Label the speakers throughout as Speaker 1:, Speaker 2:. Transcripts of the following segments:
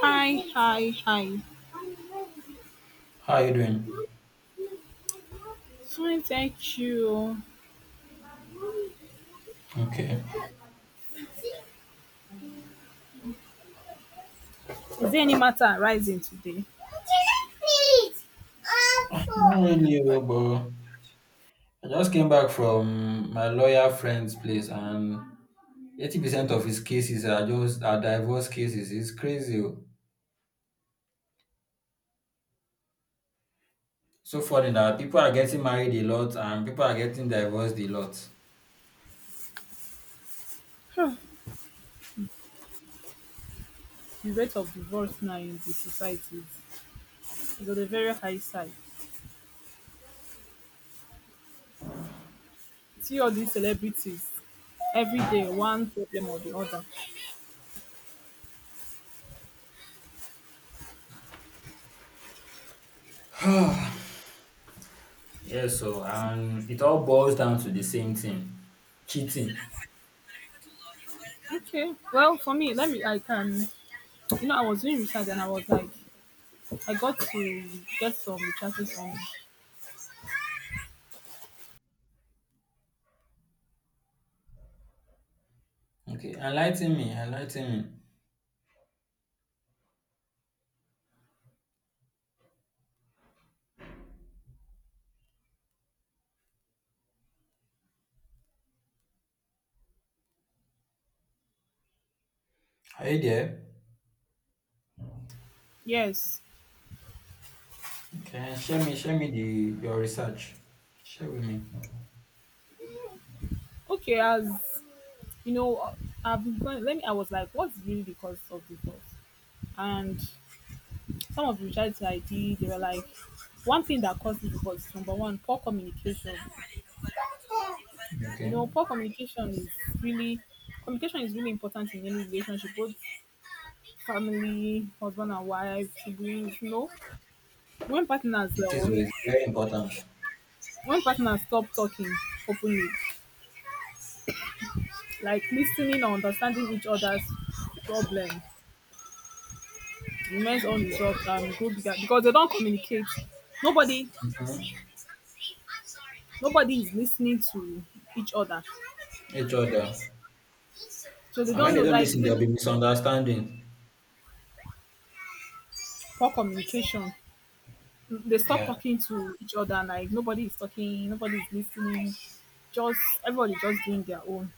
Speaker 1: Hi, hi, hi.
Speaker 2: How are you doing?
Speaker 1: Fine, thank you.
Speaker 2: Okay.
Speaker 1: Is there any matter arising today?
Speaker 2: Not really, oh, but I just came back from my lawyer friend's place, and 80% of his cases are divorce cases. It's crazy. Oh. So funny that people are getting married a lot and people are getting divorced a lot.
Speaker 1: Hmm, The rate of divorce now in the society is on a very high side. See all these celebrities every day, one problem or the other.
Speaker 2: Yes, so and it all boils down to the same thing: cheating.
Speaker 1: Okay, well, for me, let me, I can, I was doing research and I was like, I got to get some researches on,
Speaker 2: Okay, enlighten me, enlighten me. Are you there?
Speaker 1: yes,
Speaker 2: Okay, share me the your research. Share with me.
Speaker 1: okay, as, you know, I've been going, let me, I was like, what's really the cause of divorce? And some of the realities I did, they were like, one thing that caused it was number one, poor communication.
Speaker 2: Okay.
Speaker 1: Poor really communication is really important in any relationship, both family, husband and wife, siblings. When partners
Speaker 2: It is
Speaker 1: uh,
Speaker 2: oh, it's very important.
Speaker 1: when partners stop talking openly, like listening or understanding each other's problem remains unresolved and go bigger because they don't communicate. Nobody,
Speaker 2: Mhm.
Speaker 1: nobody is listening to each other,
Speaker 2: Each other.
Speaker 1: so they
Speaker 2: And when
Speaker 1: don't
Speaker 2: they
Speaker 1: know.
Speaker 2: don't
Speaker 1: Like
Speaker 2: listen,
Speaker 1: they
Speaker 2: there'll
Speaker 1: don't
Speaker 2: be misunderstanding.
Speaker 1: poor communication. They stop
Speaker 2: Yeah.
Speaker 1: talking to each other. Like nobody is talking, nobody is listening. Just everybody just doing their own.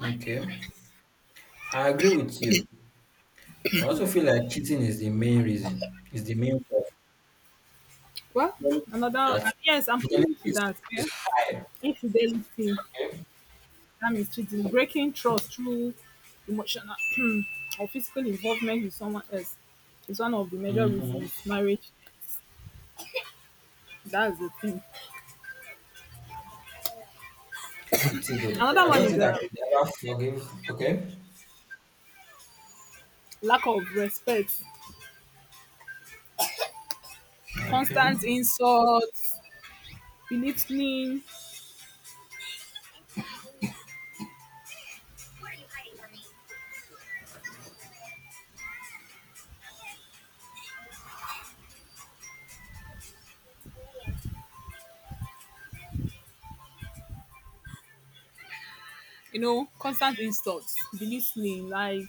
Speaker 2: Okay. I agree with you. I also feel like cheating is the main reason. It's the main cause.
Speaker 1: Well,
Speaker 2: Fidelity-
Speaker 1: another
Speaker 2: That
Speaker 1: yes, I'm
Speaker 2: fidelity
Speaker 1: coming to
Speaker 2: is,
Speaker 1: that.
Speaker 2: is
Speaker 1: Yeah,
Speaker 2: high.
Speaker 1: infidelity.
Speaker 2: Okay.
Speaker 1: That means cheating, breaking trust through emotional or physical involvement with someone else is one of the major
Speaker 2: Mm-hmm.
Speaker 1: reasons marriage. That's the thing.
Speaker 2: It is though, because
Speaker 1: Another
Speaker 2: I
Speaker 1: one
Speaker 2: don't
Speaker 1: is
Speaker 2: think
Speaker 1: the
Speaker 2: I could ever forgive. Okay.
Speaker 1: lack of respect,
Speaker 2: Okay.
Speaker 1: constant insults, belittling. Constant insults, belittling, like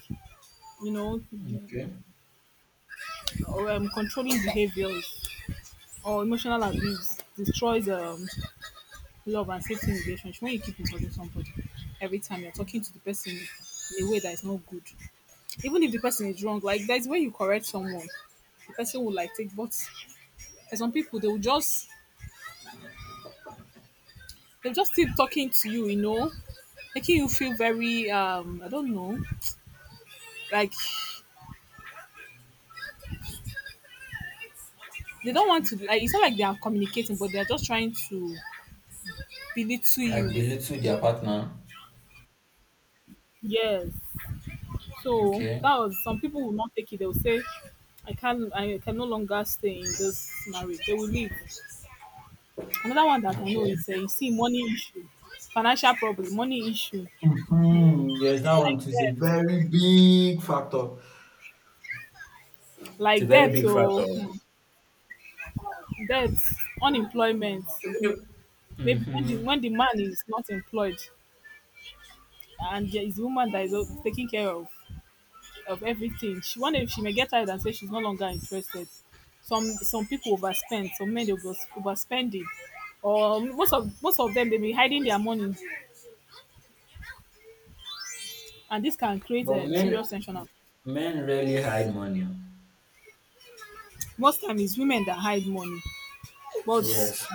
Speaker 1: you know, you,
Speaker 2: Okay.
Speaker 1: or controlling behaviors or emotional abuse destroys love and safety in relationship. When you keep insulting somebody, every time you're talking to the person in a way that is not good, even if the person is wrong, like there's when you correct someone the person will like take. But there's some people they'll just keep talking to you, you know making you feel very I don't know, like they don't want to. Like it's not like they are communicating, but they're just trying to belittle
Speaker 2: Like
Speaker 1: you.
Speaker 2: belittle their partner.
Speaker 1: Yes, so
Speaker 2: Okay.
Speaker 1: that was some people will not take it. They'll say, I can no longer stay in this marriage. They will leave. Another one that I know
Speaker 2: Okay.
Speaker 1: is you see, money issue. Financial problem. Money issue,
Speaker 2: Mhm. Yes, that one
Speaker 1: like
Speaker 2: too is a
Speaker 1: that,
Speaker 2: very big factor. It's a
Speaker 1: like
Speaker 2: very
Speaker 1: debt
Speaker 2: big
Speaker 1: or
Speaker 2: factor.
Speaker 1: debt, unemployment. Maybe when the,
Speaker 2: Mm-hmm.
Speaker 1: when the man is not employed and there is a woman that is taking care of everything, she one day she may get tired and say she's no longer interested. Some people overspend, some men they overspending, or most of them they be hiding their money, and this can create
Speaker 2: But men
Speaker 1: serious tension. And
Speaker 2: men rarely hide money.
Speaker 1: most time it's women that hide money, but
Speaker 2: Yes.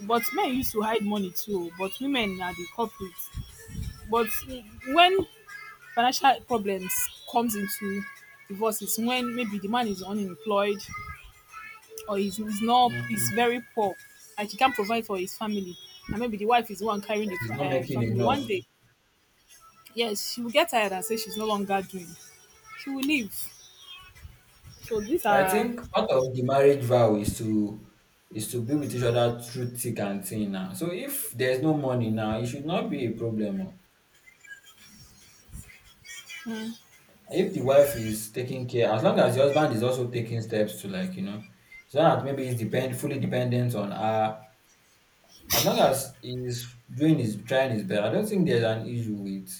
Speaker 1: but men used to hide money too, but women are the culprits. But when financial problems comes into divorce is when maybe the man is unemployed or he's not, he's
Speaker 2: Mm-hmm.
Speaker 1: very poor and he can't provide for his family, and maybe the wife is the one carrying the
Speaker 2: He's not making
Speaker 1: family. One
Speaker 2: enough.
Speaker 1: day, yes, she will get tired and say she's no longer doing. She will leave. So these
Speaker 2: But I
Speaker 1: are,
Speaker 2: think part of the marriage vow is to be with each other through thick and thin now. So if there's no money now, it should not be a problem. Oh. If the wife is taking care, as long as the husband is also taking steps to like, so that maybe he's depend fully dependent on her. As long as he's doing his trying his best, I don't think there's an issue with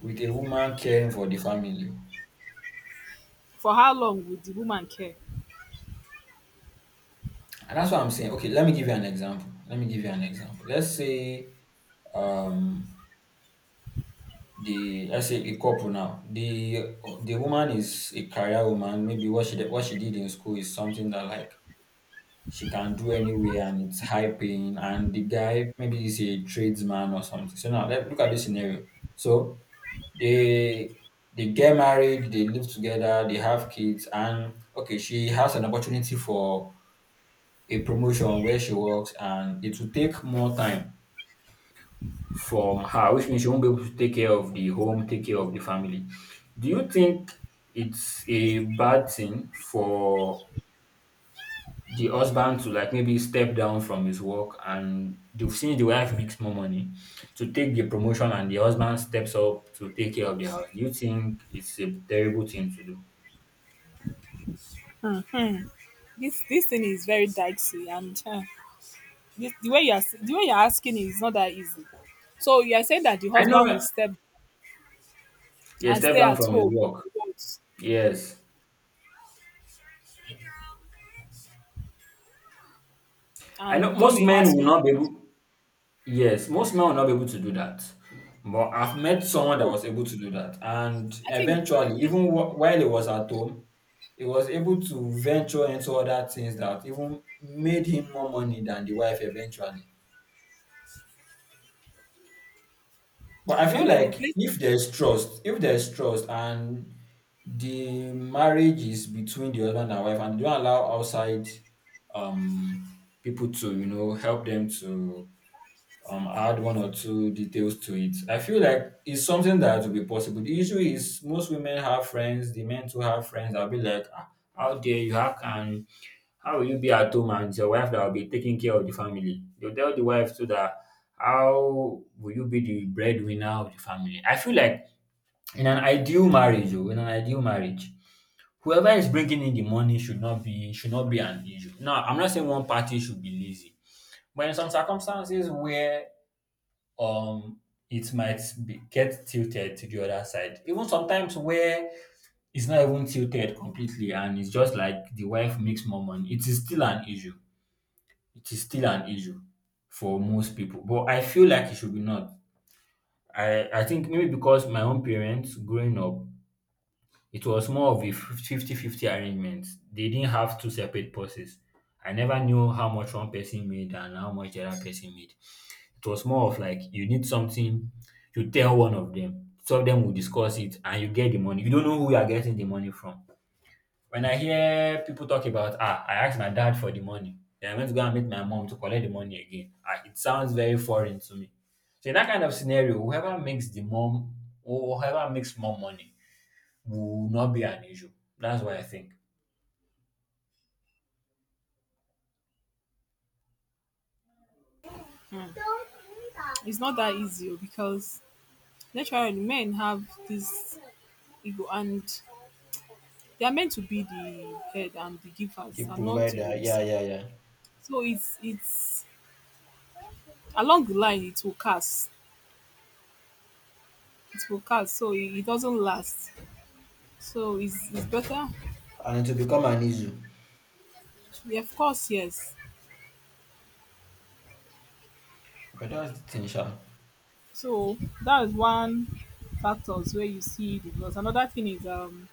Speaker 2: a woman caring for the family.
Speaker 1: for how long would the woman care?
Speaker 2: And that's what I'm saying. Okay, let me give you an example. Let me give you an example. Let's say um a couple now. The woman is a career woman. Maybe what she did in school is something that like she can do anywhere and it's high paying, and the guy maybe is a tradesman or something. So now let look at this scenario. So they they get married, they live together, they have kids, and okay, she has an opportunity for a promotion where she works, and it will take more time from her, which means she won't be able to take care of the home, take care of the family. Do you think it's a bad thing for the husband to like maybe step down from his work and they've seen the wife makes more money to take the promotion and the husband steps up to take care of the house? Do you think it's a terrible thing to do?
Speaker 1: This thing is very dicey and the way you're asking is not that easy. So you are saying that the
Speaker 2: I know,
Speaker 1: husband
Speaker 2: right?
Speaker 1: will step
Speaker 2: Yeah,
Speaker 1: and
Speaker 2: step
Speaker 1: stay
Speaker 2: down
Speaker 1: at
Speaker 2: from his
Speaker 1: home
Speaker 2: work. Yes, I
Speaker 1: and
Speaker 2: know.
Speaker 1: become
Speaker 2: Most
Speaker 1: a
Speaker 2: men will
Speaker 1: household.
Speaker 2: not be able. Yes, most men will not be able to do that. But I've met someone that was able to do that, and
Speaker 1: I think,
Speaker 2: eventually, even while he was at home, he was able to venture into other things that even made him more money than the wife eventually. But I feel
Speaker 1: while I know
Speaker 2: like
Speaker 1: place,
Speaker 2: if there's trust, if there's trust, and the marriage is between the husband and wife, and they don't allow outside um people to, help them to add one or two details to it. I feel like it's something that will be possible. The issue is most women have friends, the men too have friends. I'll be like, "Ah, how dare you, how will you be at home and it's your wife that will be taking care of the family?" They'll tell the wife so that how will you be the breadwinner of the family? I feel like in an ideal marriage, oh, in an ideal marriage, whoever is bringing in the money should not be an issue. Now, I'm not saying one party should be lazy, but in some circumstances where um it might get tilted to the other side. Even sometimes where it's not even tilted completely and it's just like the wife makes more money, it is still an issue. It is still an issue for most people. But I feel like it should be not. I think maybe because my own parents growing up, it was more of a 50-50 arrangement. They didn't have two separate purses. I never knew how much one person made and how much the other person made. It was more of like you need something, you tell one of them, two of them will discuss it, and you get the money. You don't know who you are getting the money from. When I hear people talk about, "Ah, I asked my dad for the money, then I went to go and meet my mom to collect the money again," ah, it sounds very foreign to me. So in that kind of scenario, whoever makes the mom or whoever makes more money will not be an issue. That's what I think.
Speaker 1: it's not that easy oh, because naturally men have this ego, and they are meant to be the head and the givers
Speaker 2: The
Speaker 1: and not to be
Speaker 2: provider, yeah,
Speaker 1: received.
Speaker 2: yeah, yeah.
Speaker 1: So it's along the line it will cast. It will cast, so it doesn't last. So it's better.
Speaker 2: And it will become an issue.
Speaker 1: Yeah, of course yes.
Speaker 2: But that's the thing, sha.
Speaker 1: So that is one factors where you see divorce. Another thing is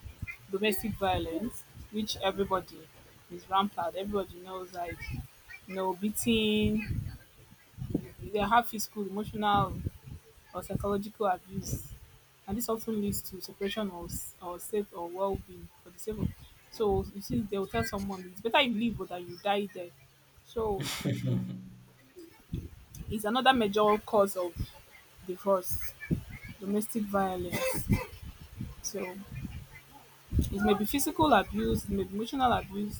Speaker 1: domestic violence, which everybody is rampant. Everybody knows, like beating, they have physical, emotional or psychological abuse. And this often leads to separation or safe or well being for the sake of, so you see they will tell someone it's better you leave but that you die there. So
Speaker 2: Mhm.
Speaker 1: it's another major cause of divorce, domestic violence. So it may be physical abuse, it may be emotional abuse,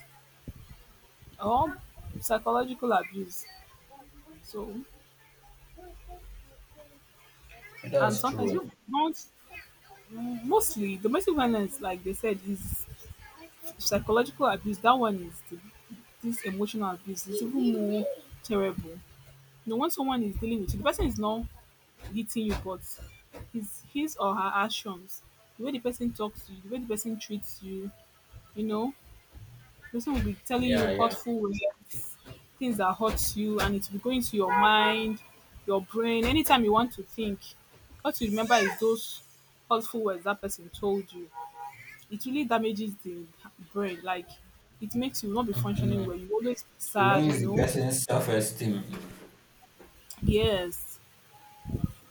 Speaker 1: or psychological abuse. So,
Speaker 2: But
Speaker 1: and
Speaker 2: that's
Speaker 1: sometimes
Speaker 2: true.
Speaker 1: people don't, mostly domestic violence, like they said, is psychological abuse. That one is this emotional abuse is even more terrible. You know, when someone is dealing with you, the person is not hitting you, but his or her actions, the way the person talks to you, the way the person treats you, you know, person will be telling
Speaker 2: Yeah,
Speaker 1: you
Speaker 2: yeah.
Speaker 1: hurtful words, things that hurt you, and it will be going to your mind, your brain. Anytime you want to think, what you remember is those hurtful words that person told you. It really damages the brain. Like it makes you not be functioning
Speaker 2: Mhm.
Speaker 1: well. You always be
Speaker 2: It
Speaker 1: sad,
Speaker 2: ruins
Speaker 1: you
Speaker 2: the
Speaker 1: know.
Speaker 2: person's self-esteem.
Speaker 1: Yes.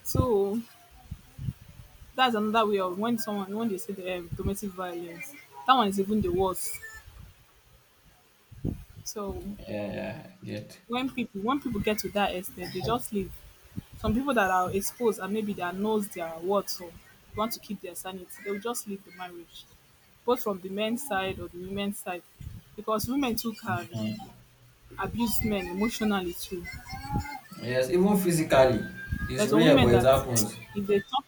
Speaker 1: So that's another way of when someone when they say the domestic violence. That one is even the worst. So
Speaker 2: Yeah, yeah, I get.
Speaker 1: when people get to that extent, they just leave. Some people that are exposed and maybe that knows their worth or want to keep their sanity, they will just leave the marriage, both from the men's side or the women's side, because women too can abuse men emotionally too.
Speaker 2: Yes, even physically, it's
Speaker 1: There's some
Speaker 2: rare,
Speaker 1: women
Speaker 2: but it
Speaker 1: that
Speaker 2: happens.
Speaker 1: if they talk,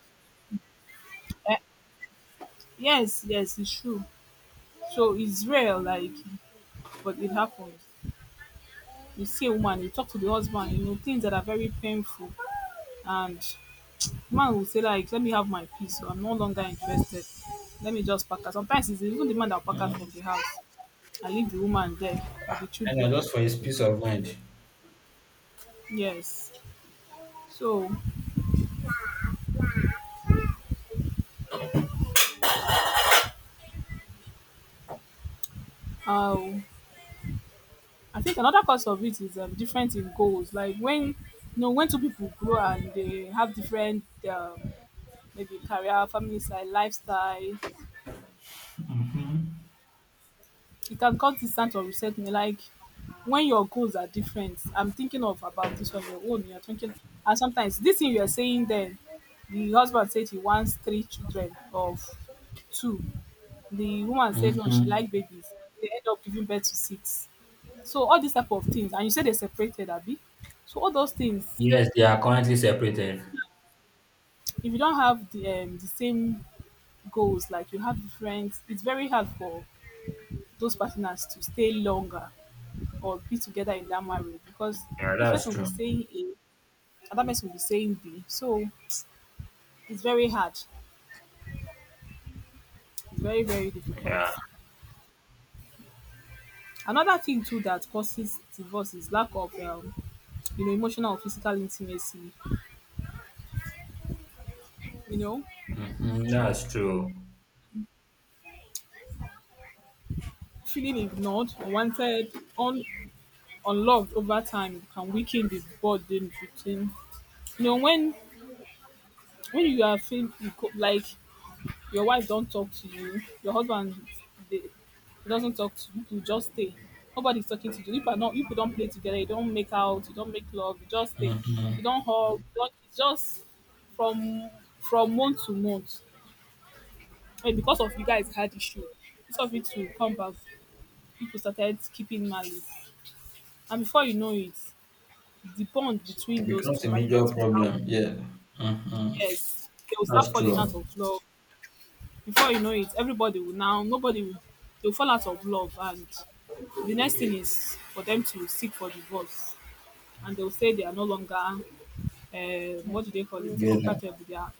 Speaker 1: eh, yes, yes, it's true. So it's real, like, but it happens. You see a woman, you talk to the husband, you know things that are very painful, and man will say like, let me have my peace, so I'm no longer interested. Let me just pack out. Sometimes it's even the man that will pack out from the house and leave the woman there with the
Speaker 2: And know,
Speaker 1: children.
Speaker 2: just for his peace of mind.
Speaker 1: Yes. So, uh, I think another cause of it is different in goals. Like when two people grow and they have different, um, maybe career, family style, lifestyle, it has got this sense of reset me. Like when your goals are different, I'm thinking of about this one, your own, you're thinking, and sometimes this thing you're saying then the husband said he wants three children of two. The woman said no, she
Speaker 2: Mm-hmm.
Speaker 1: like babies. They end up giving birth to six. So all these type of things, and you said they separated, Abby. So all those things,
Speaker 2: Yes, they are currently separated.
Speaker 1: if you don't have the same goals, like you have different, it's very hard for those partners to stay longer or be together in that marriage, because
Speaker 2: Yeah,
Speaker 1: this
Speaker 2: that's
Speaker 1: person will
Speaker 2: true.
Speaker 1: be saying A and that person will be saying B. So it's very hard. It's very, very difficult.
Speaker 2: Yeah,
Speaker 1: Another thing too that causes divorce is lack of emotional or physical intimacy, you know,
Speaker 2: mm-hmm. That's true.
Speaker 1: feeling ignored, unwanted, un unloved over time can weaken the bond in between. You know, when when you are feeling like your wife don't talk to you, your husband they, he doesn't talk to you, you just stay. Nobody's talking to you. If not, you don't play together, you don't make out, you don't make love, you just stay.
Speaker 2: Mm,
Speaker 1: You don't hug, you don't, it's just from from month to month. And because of you guys had issue, instead of it to come back, people started keeping malice. And before you know it, the bond between those
Speaker 2: becomes
Speaker 1: two
Speaker 2: a major
Speaker 1: partners will start.
Speaker 2: problem. Yeah,
Speaker 1: Yes, they will start
Speaker 2: that's
Speaker 1: falling
Speaker 2: true.
Speaker 1: out of love. Before you know it, everybody will now, nobody will, they'll fall out of love. And the next thing is for them to seek for divorce. And they'll say they are no longer, what do they call it,
Speaker 2: Together.
Speaker 1: compatible. They are.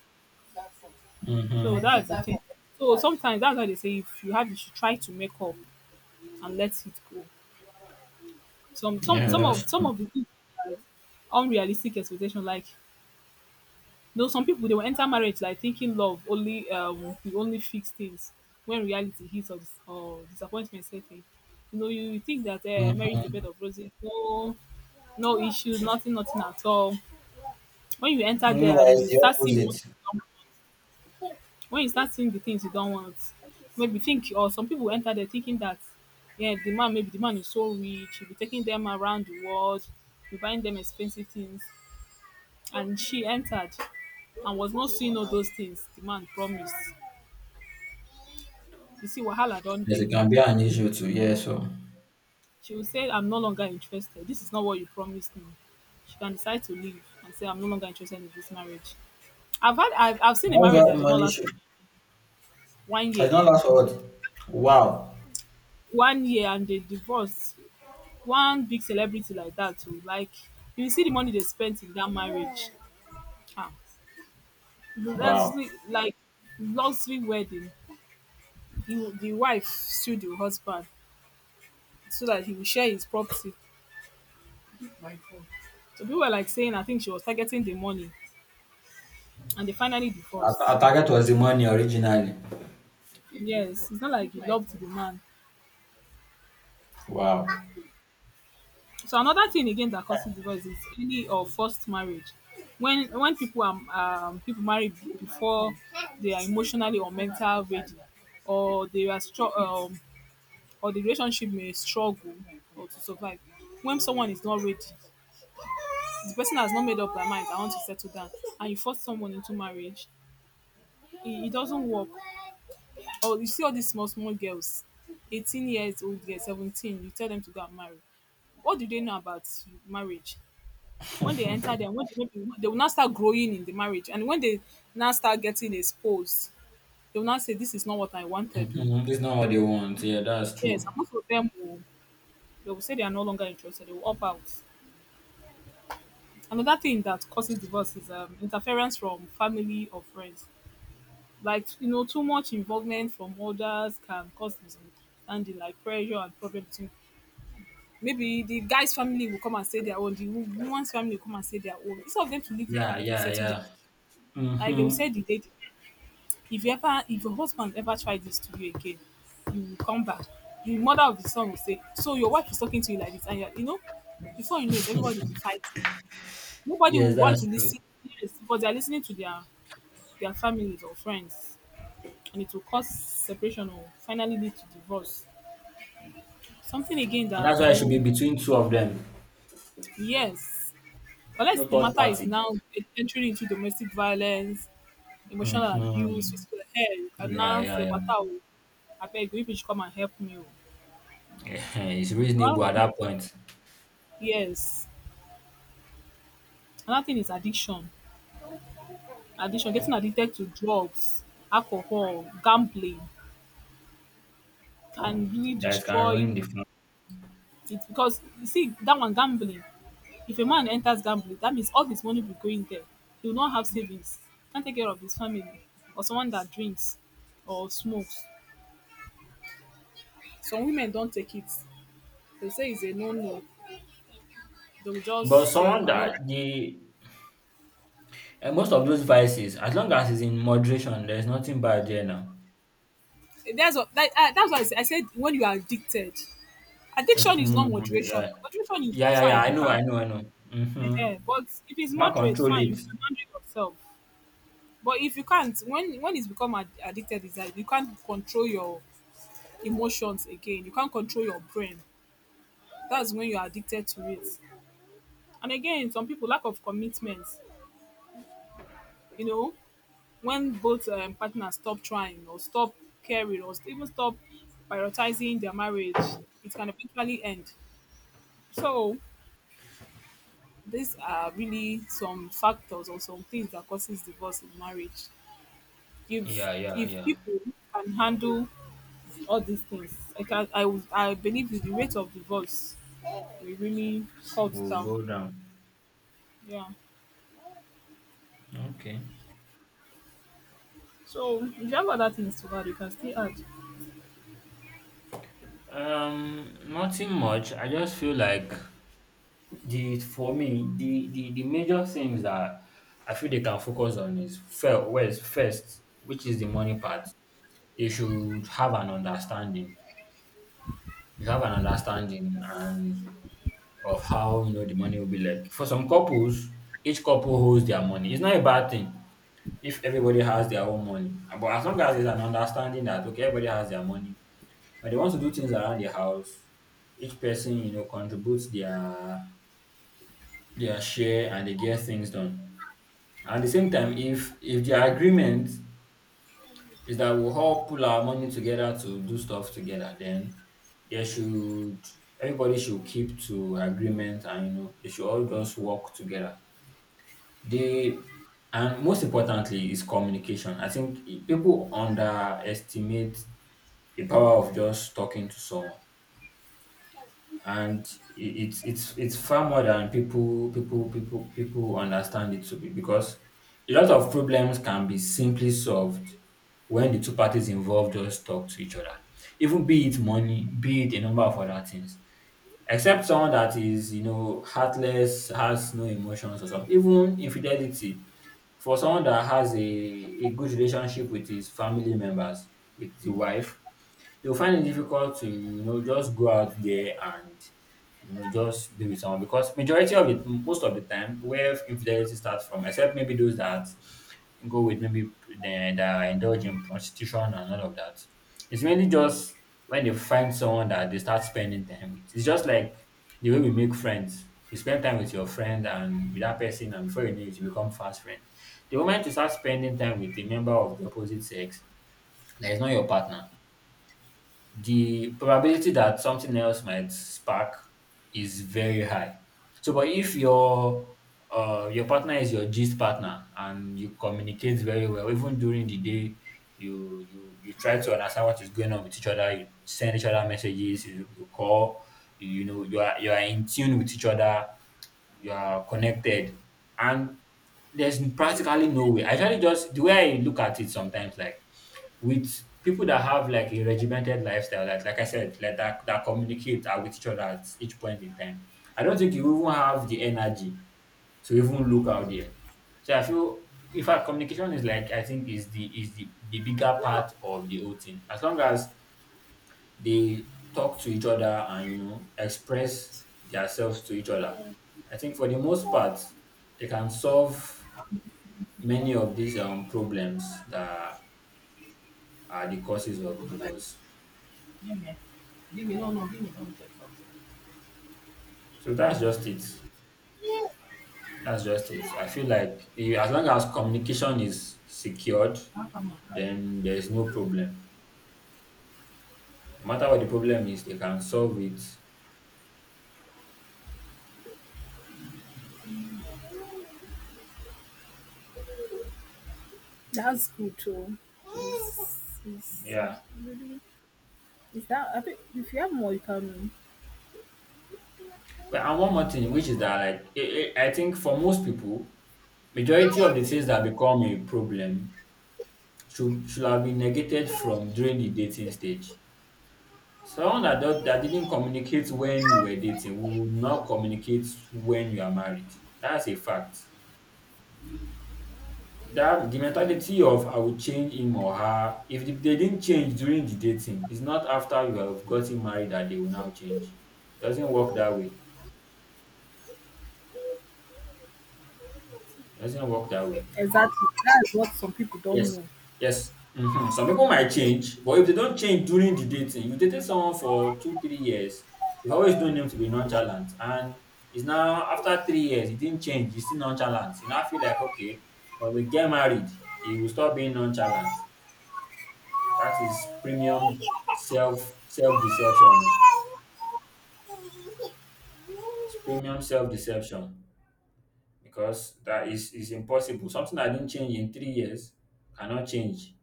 Speaker 1: So
Speaker 2: Mm-hmm.
Speaker 1: that's the thing. So sometimes that's why they say if you have, you should try to make up and let it go. Some, some,
Speaker 2: Yeah,
Speaker 1: some
Speaker 2: that's
Speaker 1: of, some
Speaker 2: true.
Speaker 1: of the people have unrealistic expectation, like no, some people they will enter marriage like thinking love only will only fix things when reality hits, or disappointment set in. You think that marriage is a bed of roses, no, no issues, nothing, nothing at all. When you enter
Speaker 2: You know
Speaker 1: there
Speaker 2: why
Speaker 1: and
Speaker 2: it's
Speaker 1: you
Speaker 2: the
Speaker 1: start seeing what
Speaker 2: opposite.
Speaker 1: you don't want, when you start seeing the things you don't want, maybe think or some people enter there thinking that yeah, the man is so rich, he'll be taking them around the world, be buying them expensive things, and she entered and was not seeing all those things the man promised. You see, Wahala don't
Speaker 2: Yes, it
Speaker 1: day.
Speaker 2: can be an issue too. Yeah, so
Speaker 1: She will say, I'm no longer interested. This is not what you promised me. She can decide to leave and say, I'm no longer interested in this marriage. I've seen a
Speaker 2: that's
Speaker 1: marriage
Speaker 2: that
Speaker 1: that did not
Speaker 2: money
Speaker 1: last for
Speaker 2: issue.
Speaker 1: one
Speaker 2: I did
Speaker 1: year.
Speaker 2: not last for what? Wow.
Speaker 1: One year and they divorced. One big celebrity like that too. Like you see the money they spent in that marriage. Ah. That's
Speaker 2: Wow.
Speaker 1: like luxury wedding. You, the wife sued the husband so that he will share his property. My God. So people were like saying, I think she was targeting the money, and they finally
Speaker 2: Our,
Speaker 1: divorced.
Speaker 2: our target was the money originally.
Speaker 1: Yes, it's not like he loved the man.
Speaker 2: Wow.
Speaker 1: So another thing again that causes divorce is any or forced marriage. When people are people marry before they are emotionally or mental ready, or they are str or the relationship may struggle or to survive. When someone is not ready, the person has not made up their mind. I want to settle down, and you force someone into marriage. It doesn't work. Oh, you see all these small, small girls, 18 years old, girls, 17, you tell them to go and marry. What do they know about marriage? When they enter there, they will not start growing in the marriage. And when they now start getting exposed, they will not say, this is not what I wanted. To.
Speaker 2: Mm-hmm. This is not what they want. Yeah, that's true.
Speaker 1: Yes, and most of them will, they will say they are no longer interested. They will opt out. Another thing that causes divorce is interference from family or friends. Like, you know, too much involvement from others can cause misunderstanding, like pressure and problem between, maybe the guy's family will come and say their own, the woman's family will come and say their own instead of them to leave the
Speaker 2: Yeah,
Speaker 1: couple to
Speaker 2: yeah,
Speaker 1: settle their,
Speaker 2: yeah.
Speaker 1: like they will
Speaker 2: Mm-hmm.
Speaker 1: say the date, if you ever, if your husband ever try this to you again, you will come back. The mother of the son will say, so your wife is talking to you like this and you're, before you know it everybody will be fighting, nobody will
Speaker 2: Yes,
Speaker 1: want
Speaker 2: that's
Speaker 1: to
Speaker 2: true.
Speaker 1: listen. Yes, but they're listening to their families or friends, and it will cause separation or finally lead to divorce. Something again
Speaker 2: And that's
Speaker 1: that
Speaker 2: why
Speaker 1: I
Speaker 2: it should be
Speaker 1: know,
Speaker 2: between two of them,
Speaker 1: yes, unless
Speaker 2: no
Speaker 1: the
Speaker 2: third
Speaker 1: matter is
Speaker 2: party.
Speaker 1: now entering into domestic violence, emotional abuse,
Speaker 2: Mm-hmm.
Speaker 1: physical hell, you can
Speaker 2: Yeah,
Speaker 1: now say,
Speaker 2: yeah,
Speaker 1: but I beg you, if you should come and help me. Oh.
Speaker 2: yeah. It's
Speaker 1: Another
Speaker 2: reasonable at
Speaker 1: thing is-
Speaker 2: that point
Speaker 1: Yes. Another thing is addiction. Addiction, getting addicted to drugs, alcohol, gambling can really
Speaker 2: that it can ruin
Speaker 1: destroy.
Speaker 2: the phone.
Speaker 1: It's because you see that one, gambling. If a man enters gambling, that means all his money will go in there. He will not have savings. Can't take care of his family, or someone that drinks or smokes. Some women don't take it. They say it's a no no. They will just
Speaker 2: But
Speaker 1: say
Speaker 2: someone
Speaker 1: I'm not.
Speaker 2: that the and Most of those vices, as long as it's in moderation, there's nothing bad there now.
Speaker 1: That's what that, that's why I said when you are addicted, addiction is
Speaker 2: Mm-hmm.
Speaker 1: not moderation.
Speaker 2: Yeah.
Speaker 1: Moderation is
Speaker 2: Yeah, yeah, yeah.
Speaker 1: fine.
Speaker 2: I
Speaker 1: You
Speaker 2: know,
Speaker 1: can,
Speaker 2: I know, I know. Mm-hmm.
Speaker 1: but if it's
Speaker 2: Now
Speaker 1: moderate,
Speaker 2: control
Speaker 1: fine.
Speaker 2: it.
Speaker 1: You can manage yourself. But if you can't, when it's become addicted, is that you can't control your emotions again. You can't control your brain. That's when you're addicted to it. And again, some people lack of commitment. You know, when both partners stop trying or stop caring or even stop prioritizing their marriage, it can eventually end. So these are really some factors or some things that causes divorce in marriage. If
Speaker 2: Yeah, yeah,
Speaker 1: if
Speaker 2: yeah.
Speaker 1: people can handle all these things, I can I, would- I believe the rate of divorce will really cut
Speaker 2: We'll
Speaker 1: down.
Speaker 2: go down.
Speaker 1: Yeah.
Speaker 2: Okay.
Speaker 1: So if you have other things to add, you can still add.
Speaker 2: Nothing much. I just feel like The for me, the major things that I feel they can focus on is first, which is the money part. They should have an understanding. You have an understanding and of how the money will be like. For some couples, each couple holds their money. It's not a bad thing if everybody has their own money. But as long as there's an understanding that okay, everybody has their money, when they want to do things around the house, each person, contributes their share, and they get things done. At the same time, if their agreement is that we'll all pull our money together to do stuff together, then they should everybody should keep to agreement, and they should all just work together. They and most importantly is communication. I think people underestimate the power of just talking to someone, and it's far more than people understand it to be, because a lot of problems can be simply solved when the two parties involved just talk to each other, even be it money, be it a number of other things. Except someone that is heartless, has no emotions or something, even infidelity, for someone that has a good relationship with his family members, with the wife, you'll find it difficult to just go out there and just be with someone. Because majority of it, most of the time where infidelity starts from, except maybe those that go with maybe then, that are indulge in prostitution and all of that, it's mainly just when they find someone that they start spending time with. It's just like the way we make friends: you spend time with your friend and with that person, and before you know it, you become fast friend. The moment you start spending time with a member of the opposite sex that is not your partner, the probability that something else might spark is very high. So, but if your partner is your gist partner and you communicate very well, even during the day, you try to understand what is going on with each other. You send each other messages. You call. You know, you are in tune with each other. You are connected, and there's practically no way. I actually just the way I look at it sometimes like with people that have like a regimented lifestyle, like I said, like that communicate with each other at each point in time. I don't think you even have the energy to even look out there. So I feel in fact communication is like I think the bigger part of the whole thing. As long as they talk to each other and express themselves to each other. I think for the most part they can solve many of these problems that are the causes of divorce.
Speaker 1: Give me. Give me. No, no. Give me. Let check something.
Speaker 2: So that's just it. That's just it. I feel like you, as long as communication is secured,
Speaker 1: How come I can't?
Speaker 2: then there's no problem. No matter what the problem is, they can solve it.
Speaker 1: That's good too.
Speaker 2: So,
Speaker 1: It's, it's,
Speaker 2: yeah.
Speaker 1: it's that I think if you have more, you can.
Speaker 2: But and one more thing, which is that like I think for most people, majority of the things that become a problem should have been negated from during the dating stage. Someone that didn't communicate when you were dating will not communicate when you are married. That's a fact. That the mentality of I will change him or her, if they didn't change during the dating, it's not after you have gotten married that they will now change. Doesn't work that way. Doesn't work that way.
Speaker 1: Exactly. That's what some people don't
Speaker 2: Yes.
Speaker 1: know.
Speaker 2: Yes. Some people might change, but if they don't change during the dating, you dated someone for two, 3 years, you've always known them to be nonchalant. And it's now after 3 years, he didn't change, he's still nonchalant. You now feel like, okay, when we get married, he will stop being nonchalant. That is premium self deception. It's premium self deception because that is impossible. Something that didn't change in 3 years cannot change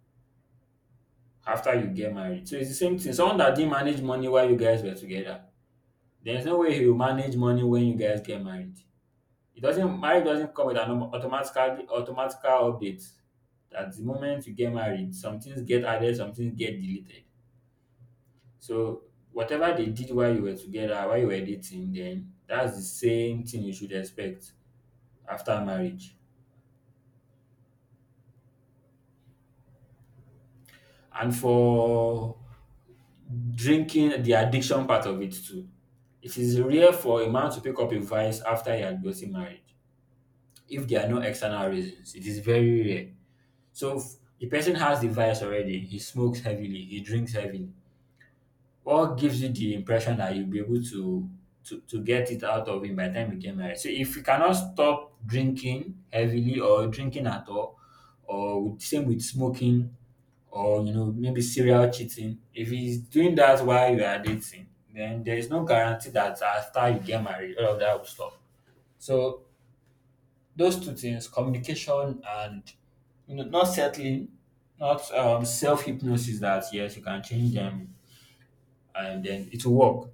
Speaker 2: after you get married. So it's the same thing. Someone that didn't manage money while you guys were together, there's no way he will manage money when you guys get married. It doesn't Marriage doesn't come with an automatical update. At the moment you get married, some things get added, some things get deleted. So whatever they did while you were together, while you were dating, then that's the same thing you should expect after marriage. And for drinking, the addiction part of it too. It is rare for a man to pick up a vice after he had gotten married. If there are no external reasons, it is very rare. So if the person has the vice already, he smokes heavily, he drinks heavily. What gives you the impression that you'll be able to to get it out of him by the time you get married? So if you cannot stop drinking heavily or drinking at all, or with, same with smoking, or maybe serial cheating, if he's doing that while you are dating, then there is no guarantee that after you get married, all of that will stop. So those two things, communication and not settling, not self hypnosis that yes, you can change them and then it will work.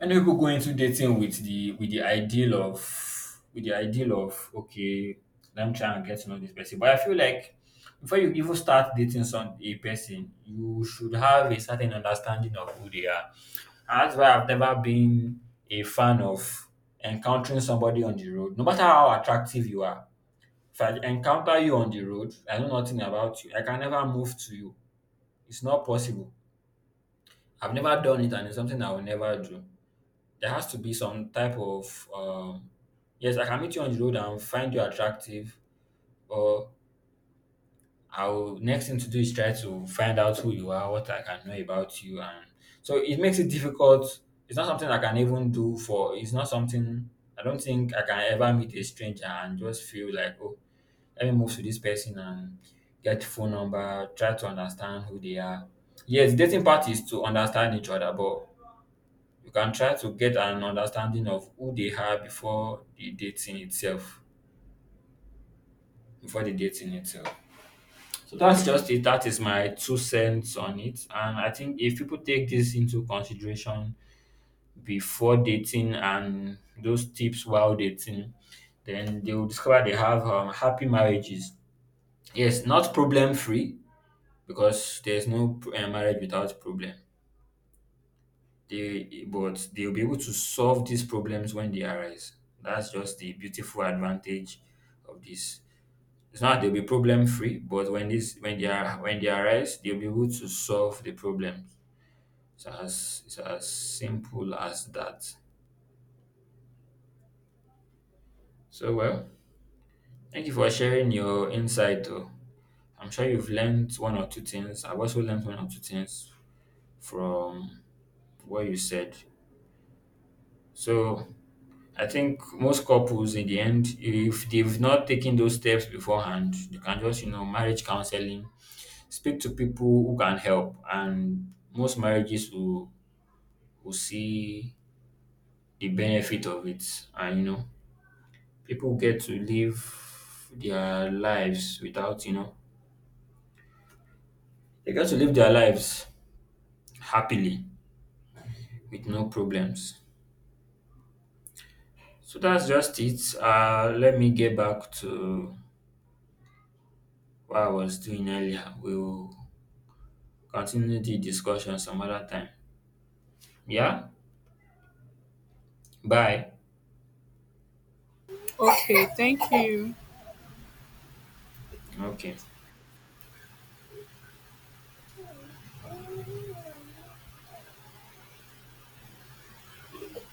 Speaker 2: Many people go into dating with the ideal of with the ideal of okay, let me try and get to know this person. But I feel like before you even start dating some a person, you should have a certain understanding of who they are. And that's why I've never been a fan of encountering somebody on the road, no matter how attractive you are. If I encounter you on the road, I know nothing about you. I can never move to you. It's not possible. I've never done it, and it's something I will never do. There has to be some type of yes, I can meet you on the road and find you attractive, or I'll next thing to do is try to find out who you are, what I can know about you. And so it makes it difficult. It's not something I can even do for. It's not something. I don't think I can ever meet a stranger and just feel like, oh, let me move to this person and get phone number, try to understand who they are. Yes, dating part is to understand each other, but you can try to get an understanding of who they are before the dating itself. Before the dating itself. So that's just it. That is my two cents on it, and I think if people take this into consideration before dating and those tips while dating, then they will discover they have happy marriages. Yes, not problem free, because there's no marriage without problem. They but they'll be able to solve these problems when they arise. That's just the beautiful advantage of this. It's not they'll be problem free, but when they are when they arise, they'll be able to solve the problem. It's as simple as that. So well, thank you for sharing your insight though. I'm sure you've learned one or two things. I've also learned one or two things from what you said. So I think most couples in the end, if they've not taken those steps beforehand, they can just, you know, marriage counseling, speak to people who can help, and most marriages will see the benefit of it. And, you know, people get to live their lives without, you know, they get to live their lives happily with no problems. So that's just it. Let me get back to what I was doing earlier. We'll continue the discussion some other time. Yeah? Bye.
Speaker 1: Okay. Thank you.
Speaker 2: Okay.